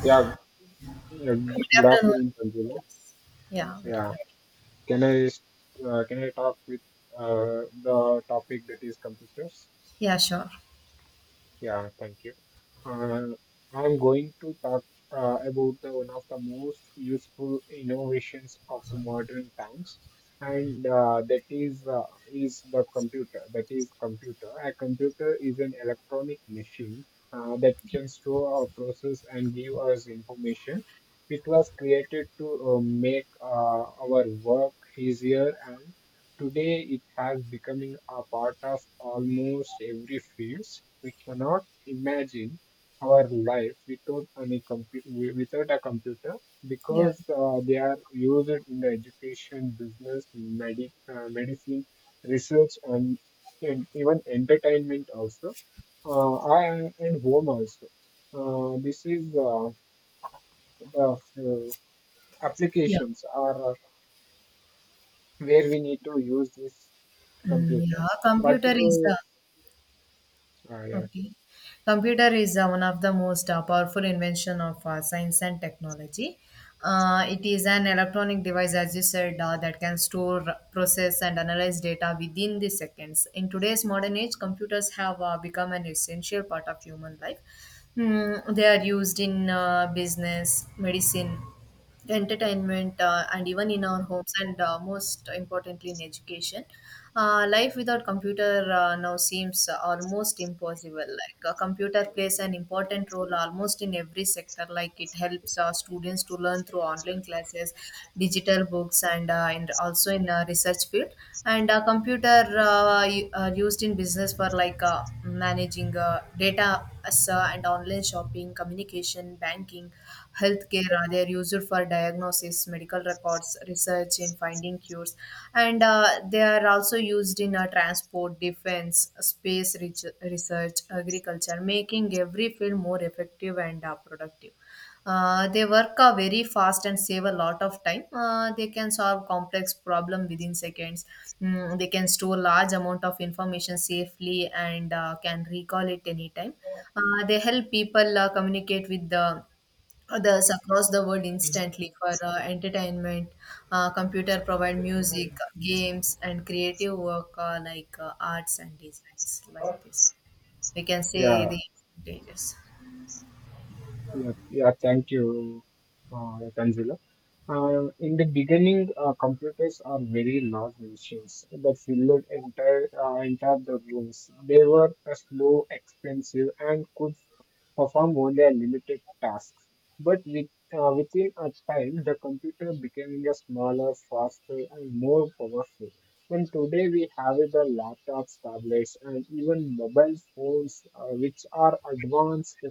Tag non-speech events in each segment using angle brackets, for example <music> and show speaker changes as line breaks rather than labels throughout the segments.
Yeah, yeah,
Good
good
afternoon.
afternoon, Sanjana.
Yeah, very
Yeah,
good.
can I talk with the topic that is computers?
Yeah, sure.
Yeah, thank you. Uh, I'm going to talk about the one of the most useful innovations of the modern times, and that is the computer. That is computer. A computer is an electronic machine that can store or process and give us information. It was created to make our work easier and. Today it has becoming a part of almost every fields. We cannot imagine our life without any without a computer
Yeah,
because they are used in the education, business, medicine, research, and even entertainment also, and home also. This is the
yeah,
applications are where we need to use this
mm,
computer
yeah.
but
Computer is the
you Ah, yeah,
okay. Computer is one of the most powerful invention of science and technology. It is an electronic device, as you said, that can store, process, and analyze data within the seconds. In today's modern age, computers have become an essential part of human life. Mm, they are used in business, medicine, entertainment and even in our homes and most importantly in education life without computer now seems almost impossible like a computer plays an important role almost in every sector like it helps students to learn through online classes, digital books, and also in research field, and computer are used in business for like managing data and online shopping, communication, banking, healthcare. They are used for diagnosis, medical records, research in finding cures, and they are also used in transport, defense, research, agriculture, making every field more effective and productive. They work very fast and save a lot of time. They can solve complex problem within seconds. Mm, they can store large amount of information safely and can recall it anytime. They help people communicate with the others across the world instantly for entertainment. Computer provide music, games, and creative work like arts and designs like this. We can say
yeah.
the advantages.
Yeah, yeah, thank you, Tanzila. In the beginning, computers are very large machines that filled entire the rooms. They were slow, expensive, and could perform only a limited tasks. But within a time, the computer became a smaller, faster, and more powerful. And today we have the laptops, tablets, and even mobile phones, which are advanced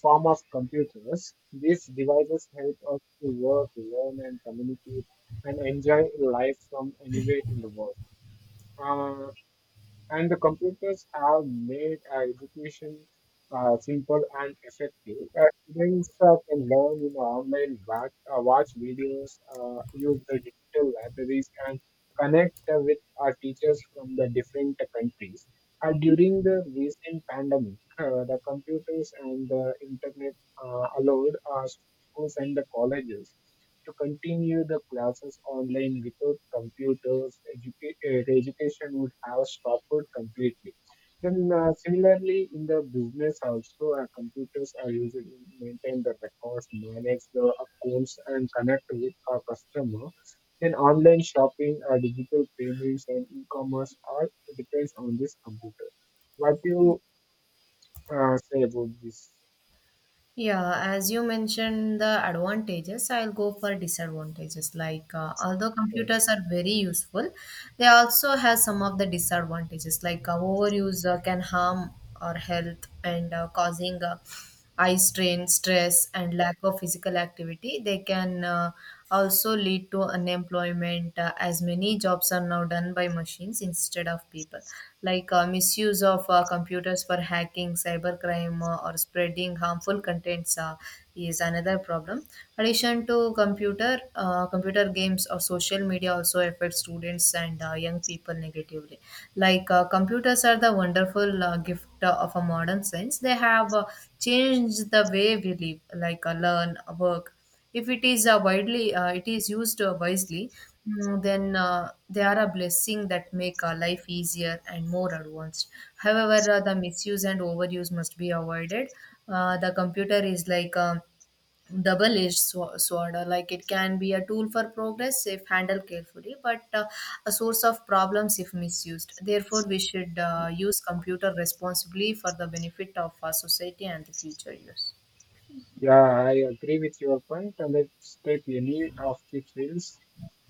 form of computers. These devices help us to work, learn, and communicate and enjoy life from anywhere in the world. Uh, and the computers have made education simple and effective. Students can learn, online, watch videos, use the digital libraries, and connect with our teachers from the different countries. During the recent pandemic, the computers and the internet allowed schools and the colleges to continue the classes online without computers, the education would have stopped completely. Then similarly, in the business also, computers are used to maintain the records, manage the accounts, and connect with our customer. Then online shopping, digital payments, and e-commerce all depends on this computer. What do you say about this?
Yeah, as you mentioned the advantages, I'll go for disadvantages. Like although
uh,
computers are very useful, they also have some of the disadvantages. Like overuse can harm our health and causing eye strain, stress, and lack of physical activity. They can also lead to unemployment, as many jobs are now done by machines instead of people. Like misuse of computers for hacking, cybercrime, or spreading harmful contents is another problem. Addition to computer, computer games or social media also affect students and young people negatively. Like computers are the wonderful gift of a modern sense. They have changed the way we live, like learn, work. If it is widely, it is used wisely. Then they are a blessing that make our life easier and more advanced. However, the misuse and overuse must be avoided. The computer is like double-edged sword, or like it can be a tool for progress if handled carefully, but a source of problems if misused. Therefore we should use computer responsibly for the benefit of our society and the future use.
Yeah, I agree with your point. Let's take any of the fields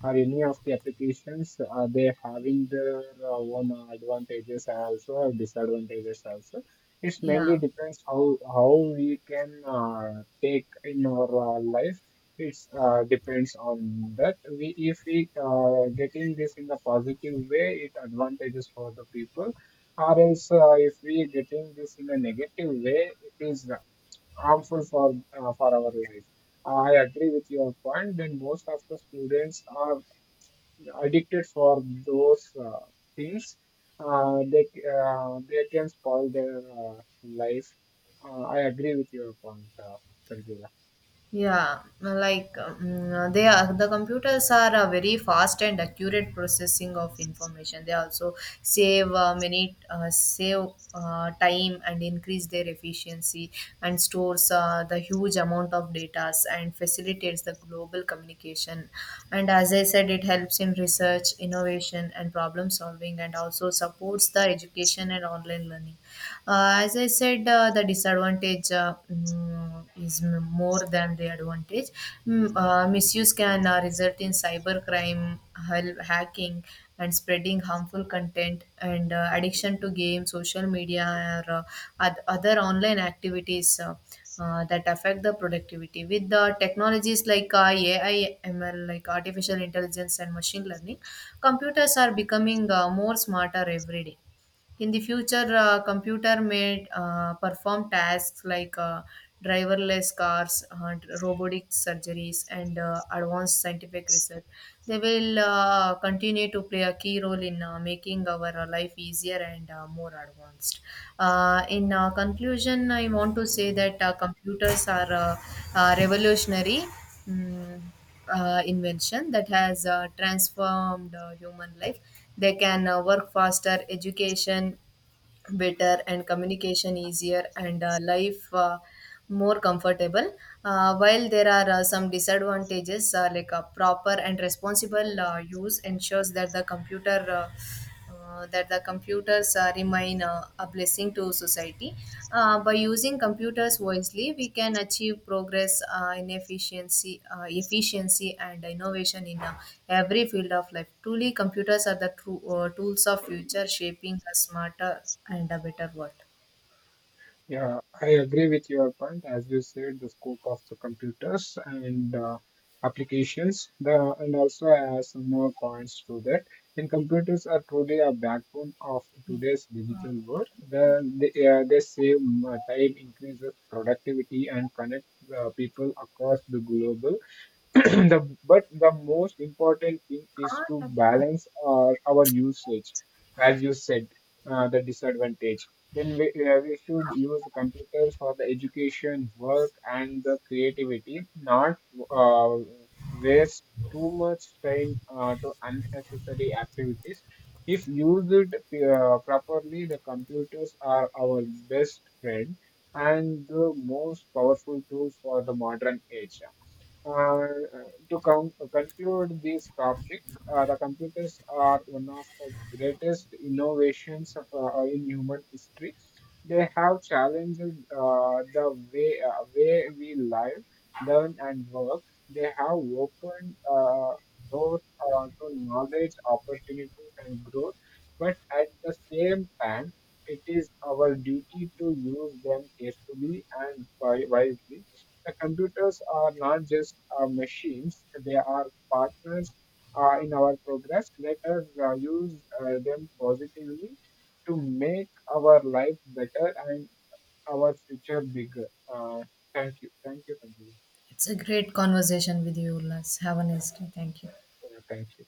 or any of the applications. Are they having their own advantages also or disadvantages also? It's
Yeah,
mainly depends how we can take in our life. It's depends on that. We if we getting this in a positive way, it advantages for the people. Or else, if we getting this in a negative way, it is harmful for our life. I agree with your point that most of the students are addicted for those things. Uh, they they can spoil their life. I agree with your point, Sanjeev.
yeah, like they are the computers are a very fast and accurate processing of information. They also save many save time and increase their efficiency, and stores the huge amount of data and facilitates the global communication. And as I said, it helps in research, innovation, and problem solving, and also supports the education and online learning. As I said, the disadvantage is more than the advantage. Misuse can result in cybercrime, hacking, and spreading harmful content, and addiction to games, social media, or other online activities. That affect the productivity with the technologies like AI, ML, like artificial intelligence and machine learning. Computers are becoming more smarter every day. In the future, computer may perform tasks like driverless cars, robotic surgeries, and advanced scientific research. They will continue to play a key role in making our life easier and more advanced. In conclusion, I want to say that computers are revolutionary Mm, invention that has transformed human life. They can work faster, education better, and communication easier, and life more comfortable. While there are some disadvantages, like a proper and responsible use ensures that the computer. That the computers remain a blessing to society. By using computers wisely, we can achieve progress in efficiency and innovation in every field of life. Truly, computers are the true, tools of future, shaping a smarter and a better world.
Yeah, I agree with your point. As you said, the scope of the computers and applications, the and also I have some more points to that. And computers are truly a backbone of today's digital world. The, they save time, increases productivity, and connect people across the globe. <clears throat> the, but the most important thing is to
Awesome.
balance our usage, as you said, the disadvantage. Then we we should use the computers for the education, work, and the creativity, not uh, waste too much time to unnecessary activities. If used properly, the computers are our best friend and the most powerful tool for the modern age to conclude this topic, the computers are one of the greatest innovations in human history. They have challenged the way we live, learn, and work. They have opened doors to knowledge, opportunities, and growth. But at the same time, it is our duty to use them carefully and wisely. The computers are not just machines, they are partners in our progress. Let us use them positively to make our life better and our future bigger. Uh, thank you. Thank you, Sanjeev.
It's a great conversation with you, Ulas. Have a nice day. Thank you.
Thank you.